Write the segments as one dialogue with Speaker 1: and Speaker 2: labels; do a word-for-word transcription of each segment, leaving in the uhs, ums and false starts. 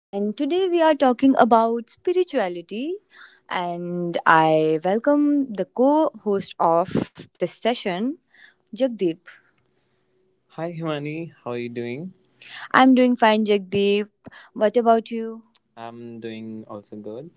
Speaker 1: and today we are talking about spirituality. And I welcome the co host of this session, Jagdeep. Hi Himani, how are you doing? I'm doing fine, Jagdeep. What about you? I'm doing also good.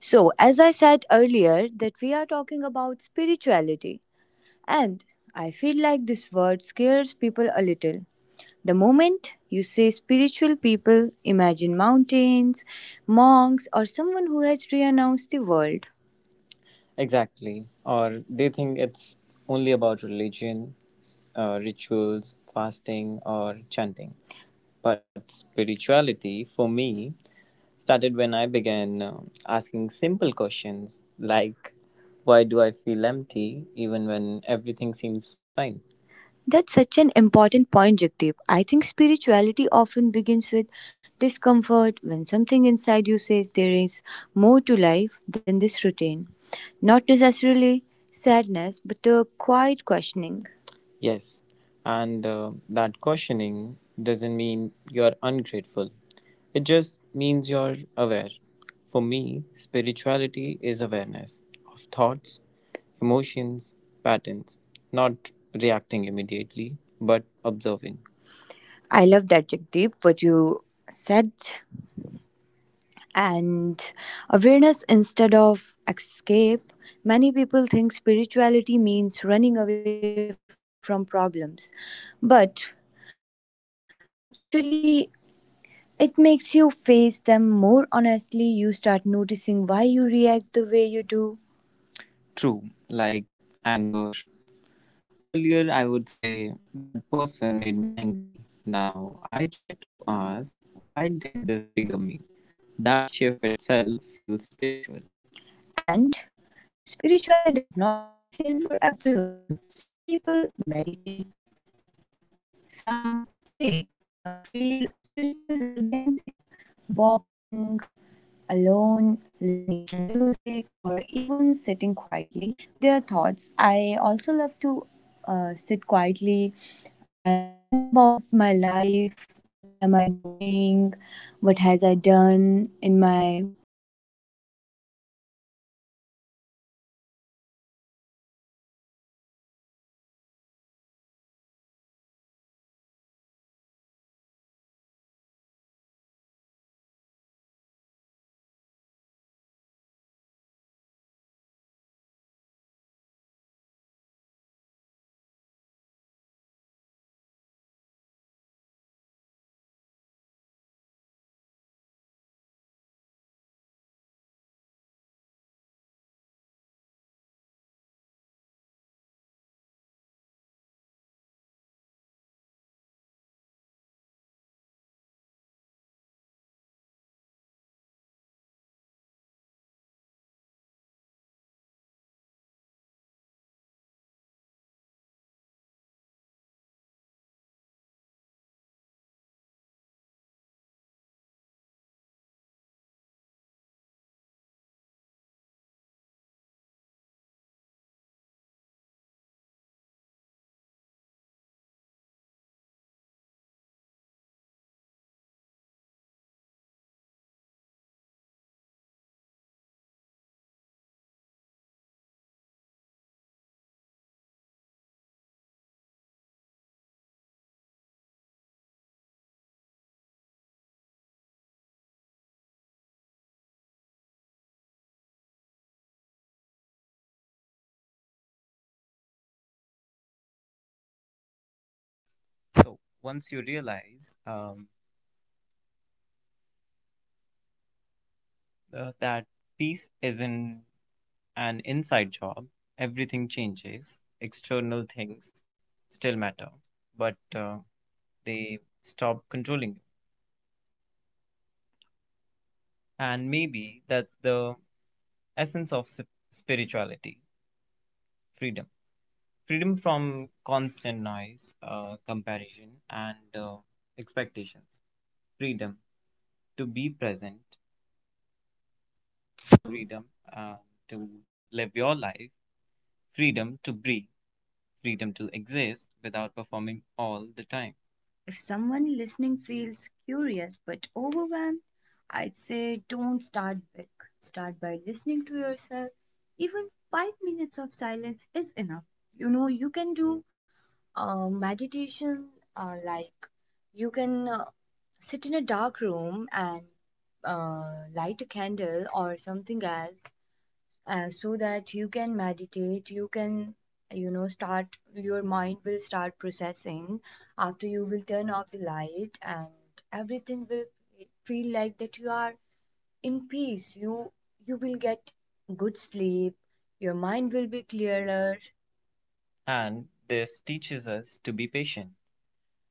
Speaker 1: So, as I said earlier, that we are talking about spirituality, and I feel like this word scares people a little. The moment you say spiritual people, imagine mountains, monks, or someone who has renounced the world. Exactly. Or they think it's only about religion, s- uh, rituals, fasting, or chanting. But spirituality, for me, started when I began um, asking simple questions like, why do I feel empty even when everything seems fine? That's such an important point, Jagdeep. I think spirituality often begins with discomfort when something inside you says there is more to life than this routine. Not necessarily sadness, but a quiet questioning. Yes, and uh, that questioning doesn't mean you're ungrateful, it just means you're aware. For me, spirituality is awareness of thoughts, emotions, patterns, not reacting immediately, but observing. I love that, Jagdeep, what you said. And awareness instead of escape. Many people think spirituality means running away from problems, but actually, it makes you face them more honestly. You start noticing why you react the way you do. True, like anger. Earlier, I would say that person made me angry. Now, I try to ask, why did this trigger me? That shift itself feels spiritual. And spirituality does not look the same for everyone. Some people meditate, some pray, some feel spiritual while dancing, walking, alone, listening to music, or even sitting quietly with their thoughts. I also love to uh, sit quietly and think about my life. What am I doing? What has I done in my past, you know? Absolutely. Uh, there is no uniform, no rule book. I think the most spiritual moments are often very ordinary. Early morning silence, deep conversations, helping someone without expecting anything back. Yes, I feel spirituality brings softness, not weakness. You become less harsh on yourself and others. You stop judging so quickly. That's powerful because the moment you stop judging, you create space. Space to understand, to heal, and honestly, healing is a big part of spirituality. True, Jagdeep. Healing your inner child, your fears, your insecurity, and accepting that you are imperfect. Spirituality does not mean being calm all the time, you know. It means knowing how to return to calm. Exactly. Um, you still get angry, anxious, confused, but um, you don't get l- lost in it. You learn how to come back to yourself. I also feel spirituality teaches responsibility, not blaming fate, people, or situations, but taking responsibility for your inner world. Yes,
Speaker 2: So once you realize um, uh, that peace isn't an inside job, everything changes. External things still matter, but uh, they stop controlling you. And maybe that's the essence of sp- spirituality freedom. Freedom from constant noise, uh, comparison, and uh, expectations. Freedom to be present, freedom uh, to live your life, freedom to breathe freedom to exist without performing all the time. If someone listening feels curious but overwhelmed, I'd say don't start big. Start by listening to yourself. Even five minutes of silence is enough. You know, you can do uh, meditation uh, like you can uh, sit in a dark room and uh, light a candle or something else uh, so that you can meditate you can you know start your mind will start processing after you will turn off the light and everything will feel like that you are in peace you you will get good sleep your mind will be clearer and this teaches us to be patient.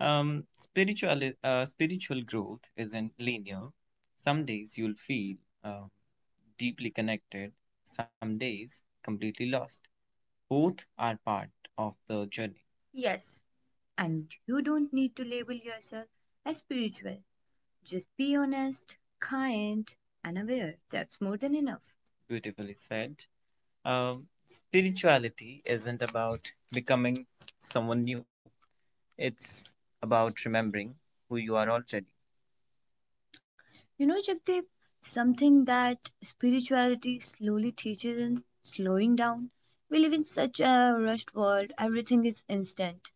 Speaker 2: Um, spiritual uh, spiritual growth isn't linear. Some days you'll feel uh, deeply connected, some days completely lost. Both are part of the journey. Yes, and you don't need to label yourself as spiritual. Just be honest, kind, and aware. That's more than enough. Beautifully said. Um, spirituality isn't about becoming someone new, it's about remembering who you are already. You know, Jagdeep, something that spirituality slowly teaches in slowing down. We live in such a rushed world, everything is instant.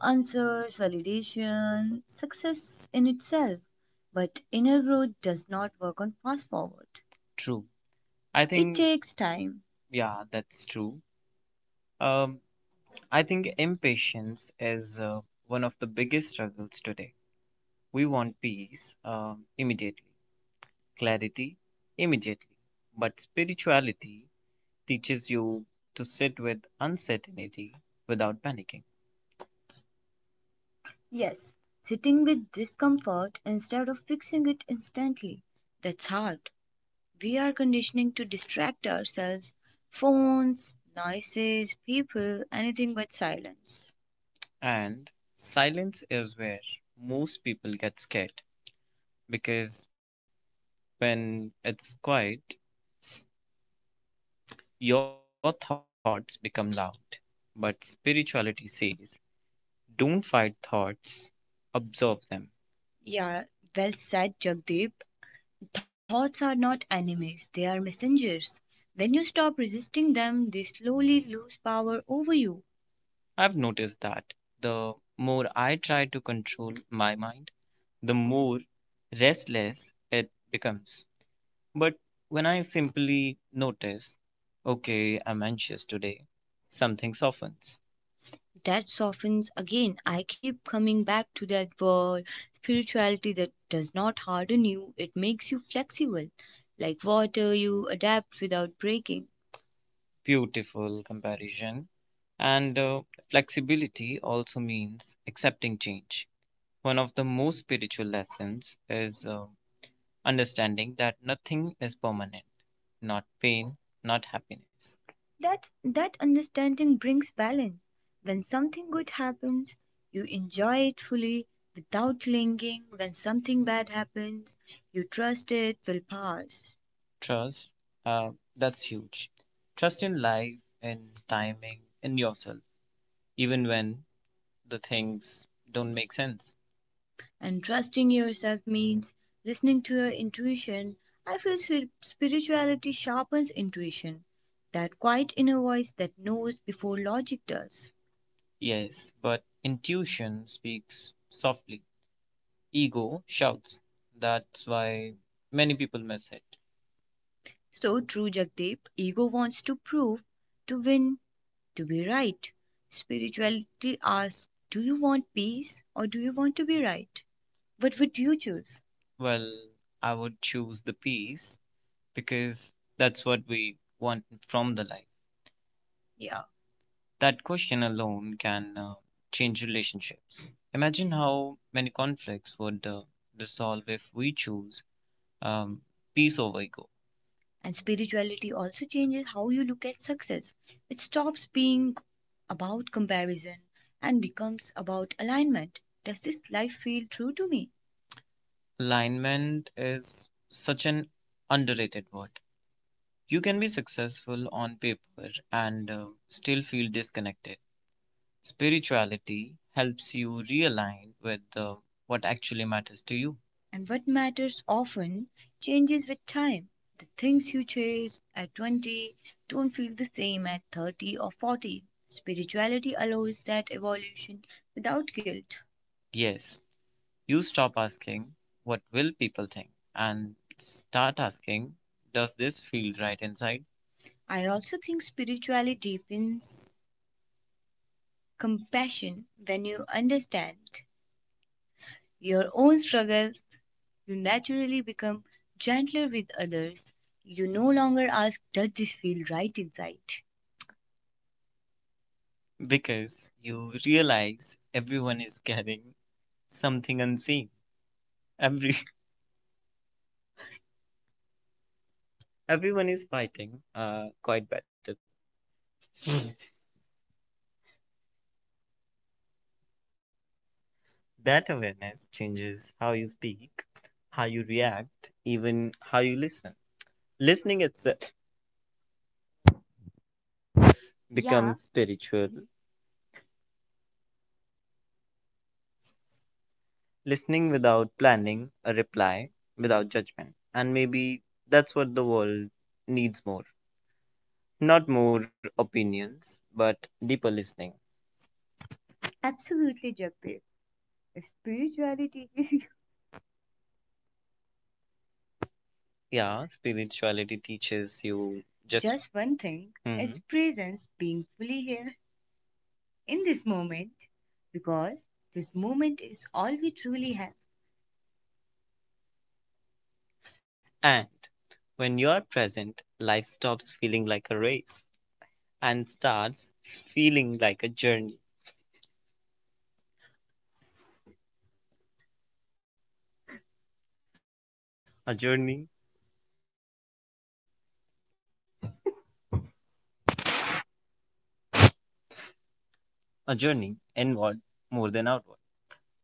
Speaker 2: Answers, validation, success in itself. But inner growth does not work on fast forward. True. I It think, takes time. Yeah, that's true. Um, I think impatience is uh, one of the biggest struggles today. We want peace um, immediately clarity immediately, but spirituality teaches you to sit with uncertainty without panicking. Yes, sitting with discomfort instead of fixing it instantly. That's hard. We are conditioning to distract ourselves phones, noises, people, anything but silence. And silence is where most people get scared because when it's quiet, your thoughts become loud, but spirituality says, don't fight thoughts, observe them. Yeah, well said, Jagdeep. Thoughts are not enemies, they are messengers. When you stop resisting them, they slowly lose power over you. I've noticed that the more I try to control my mind, the more restless it becomes. But when I simply notice, okay, I'm anxious today, something softens. That softens again. I keep coming back to that word spirituality that does not harden you, it makes you flexible. Like water, you adapt without breaking. Beautiful comparison. And uh, flexibility also means accepting change. One of the most spiritual lessons is uh, understanding that nothing is permanent, not pain, not happiness. That's, that understanding brings balance. When something good happens, you enjoy it fully without clinging. When something bad happens, you trust it will pass. Trust, uh, that's huge. Trust in life, in timing, in yourself, even when the things don't make sense. And trusting yourself means listening to your intuition. I feel spir- spirituality sharpens intuition, that quiet inner voice that knows before logic does. Yes, but intuition speaks softly. Ego shouts. That's why many people miss it. So true, Jagdeep. Ego wants to prove, to win, to be right. Spirituality asks, do you want peace or do you want to be right? What would you choose? Well, I would choose the peace because that's what we want from the life. Yeah. That question alone can uh, change relationships. Imagine how many conflicts would uh, dissolve if we choose um, peace over ego. And spirituality also changes how you look at success. It stops being about comparison and becomes about alignment. Does this life feel true to me? Alignment is such an underrated word. You can be successful on paper and uh, still feel disconnected. Spirituality helps you realign with uh, what actually matters to you. And what matters often changes with time. The things you chase at twenty don't feel the same at thirty or forty. Spirituality allows that evolution without guilt. Yes, you stop asking, what will people think? And start asking, does this feel right inside? I also think spirituality deepens compassion when you understand your own struggles you naturally become gentler with others you no longer ask does this feel right inside because you realize everyone is carrying something unseen. Every everyone is fighting uh, quite better. That awareness changes how you speak, how you react, even how you listen. Listening itself becomes, yeah, spiritual listening without planning, a reply without judgment. And maybe that's what the world needs more. Not more opinions, but deeper listening. Absolutely, Jagdeep. If spirituality is yeah, spirituality teaches you just. just one thing, hmm. it's, mhm, presence, being fully here in this moment, because this moment is all we truly have. And when you are present, life stops feeling like a race. And starts feeling like a journey, a journey, a journey inward more than outward. And uh,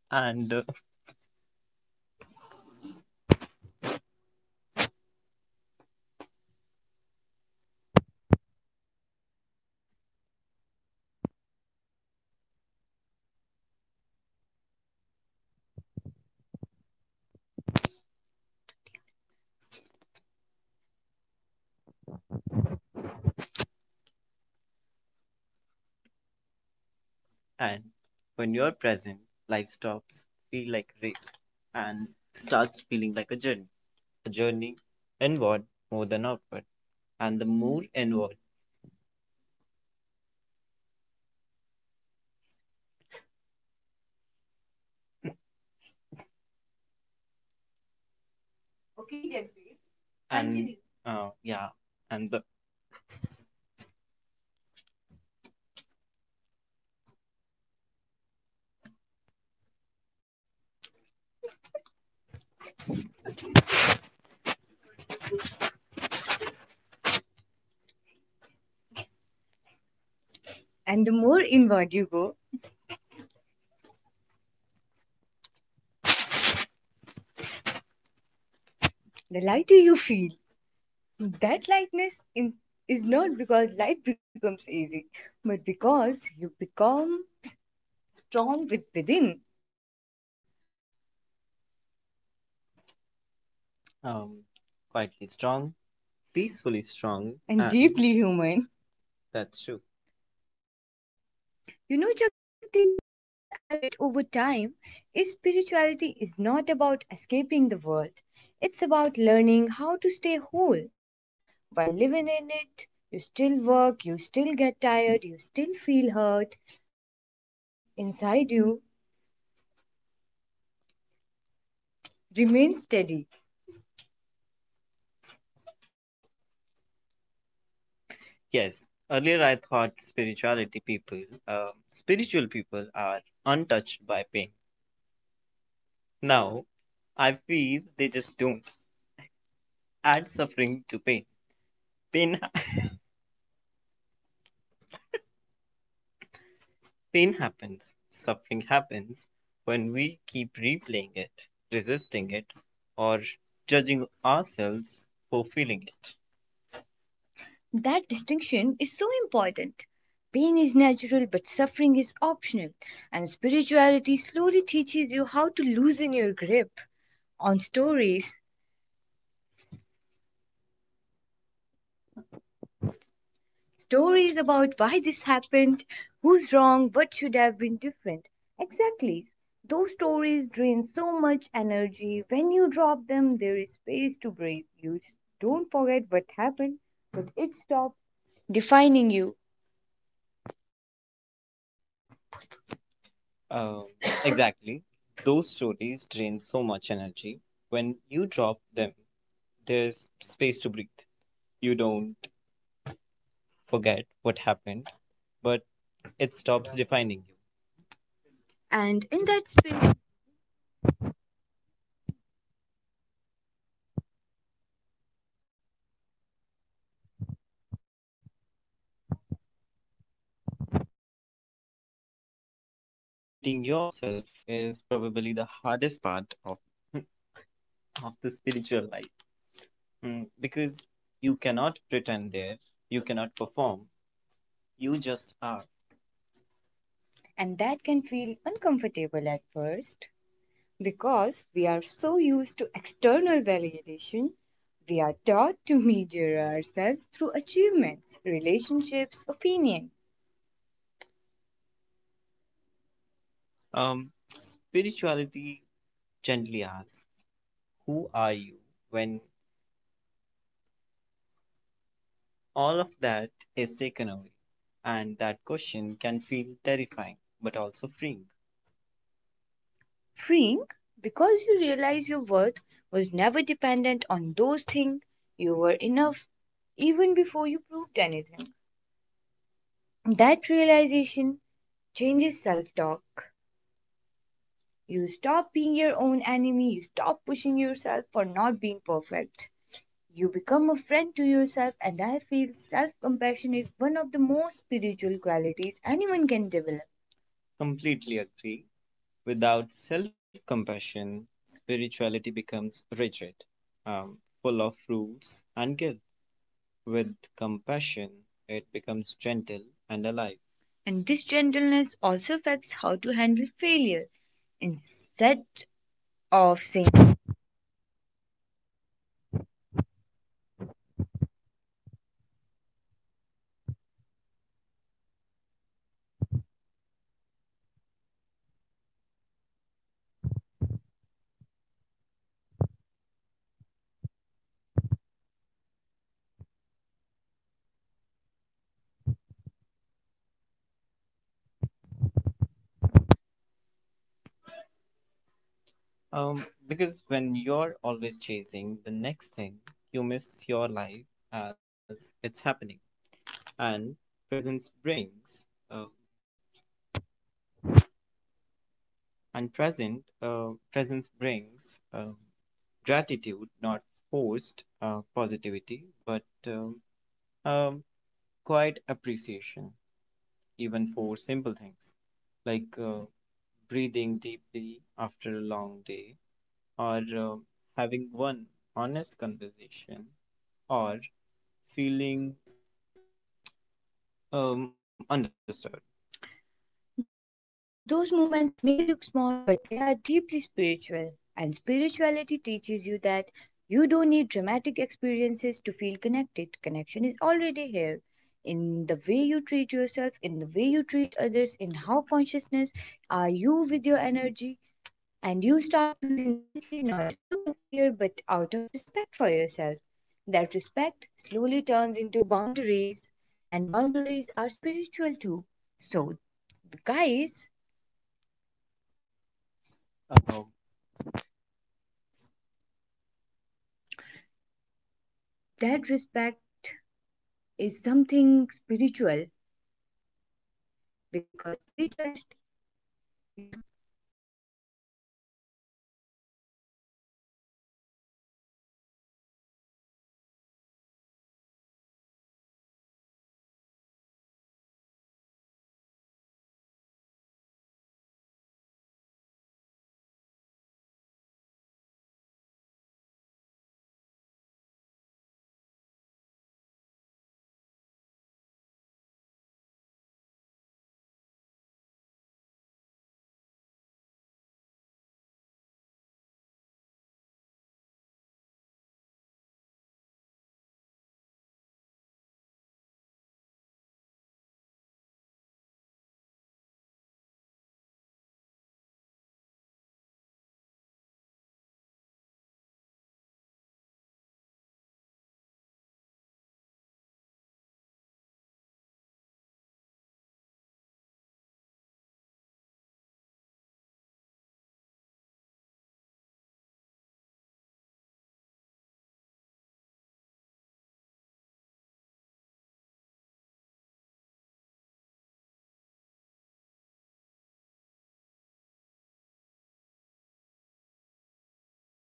Speaker 2: and when you're present, life stops feel like a race and starts feeling like a journey, a journey inward more than outward. And the more inward, okay, Jagdeep. And- Continue. uh, yeah, and the And the more inward you go, the lighter you feel. That lightness in, is not because life becomes easy, but because you become strong with within. Um, quietly strong, peacefully strong, and deeply human. That's true. You know, Jagdeep, one thing I have realized over time is spirituality is not about escaping the world. It's about learning how to stay whole. While living in it, you still work, you still get tired, you still feel hurt, but something inside you remains steady. Yes, earlier I thought spirituality people, um, spiritual people are untouched by pain. Now I feel they just don't add suffering to pain. Pain, pain happens, suffering happens when we keep replaying it, resisting it, or judging ourselves for feeling it. That distinction is so important. Pain is natural, but suffering is optional, and spirituality slowly teaches you how to loosen your grip on stories. Stories about why this happened, who's wrong, what should have been different. Exactly. Those stories drain so much energy. When you drop them, there is space to breathe. You don't forget what happened, but it stops defining you. Um, exactly. Those stories drain so much energy. When you drop them, there's space to breathe. You don't forget what happened, but it stops defining you. And in that spirit, meeting yourself is probably the hardest part of, of the spiritual life. Mm, because you cannot pretend there, you cannot perform, you just are. And that can feel uncomfortable at first. Because we are so used to external validation, we are taught to measure ourselves through achievements, relationships, opinion. Um, spirituality gently asks, who are you, when all of that is taken away? And that question can feel terrifying, but also freeing. Freeing because you realize your worth was never dependent on those things. You were enough even before you proved anything. That realization changes self talk. You stop being your own enemy, you stop pushing yourself for not being perfect. You become a friend to yourself, and I feel self compassion is one of the most spiritual qualities anyone can develop. Completely agree. Without self compassion, spirituality becomes rigid, um, full of rules and guilt. With compassion, it becomes gentle and alive. And this gentleness also affects how to handle failure. Instead of saying, Um, because when you're always chasing the next thing, you miss your life as it's happening. And presence brings, uh, and present, uh, presence brings um gratitude, not forced uh, positivity, but um, um, quiet appreciation, even for simple things like uh, breathing deeply after a long day, or uh, having one honest conversation, or feeling um, understood. Those moments may look small, but they are deeply spiritual, and spirituality teaches you that you don't need dramatic experiences to feel connected. Connection is already here in the way you treat yourself, in the way you treat others, in how consciousness are you with your energy. And you start choosing wisely not out of fear but out of respect for yourself. That respect slowly turns into boundaries, and boundaries are spiritual too. So, guys, Um, that respect is something spiritual because spirituality is it's, not it's not about uh, being available to everyone, right? Right, Jagdeep. It's about being available to your truth, and uh, every uh, and when you live from that truth, life feels uh, less, I can say, less heavy, not perfect, but uh, spiritual. As we come to a pause, not an end, I just want to say that spirituality isn't something you achieve one day, it's something you return to again and again in small moments. And uh, yeah, if today all you could do was survive, that's still sacred, that's still part of the journey. Take whatever resonated with you and leave the rest. There is no pressure to change overnight. Go gently. Growth doesn't respond well to force. Thank you for sharing the space with us, for listening with an open heart. Until next time, stay present, stay kind, and stay connected to yourself. We'll meet you again right here in this moment. Thank you, Jagdeep, for joining me in the podcast. Thank you. Bye bye.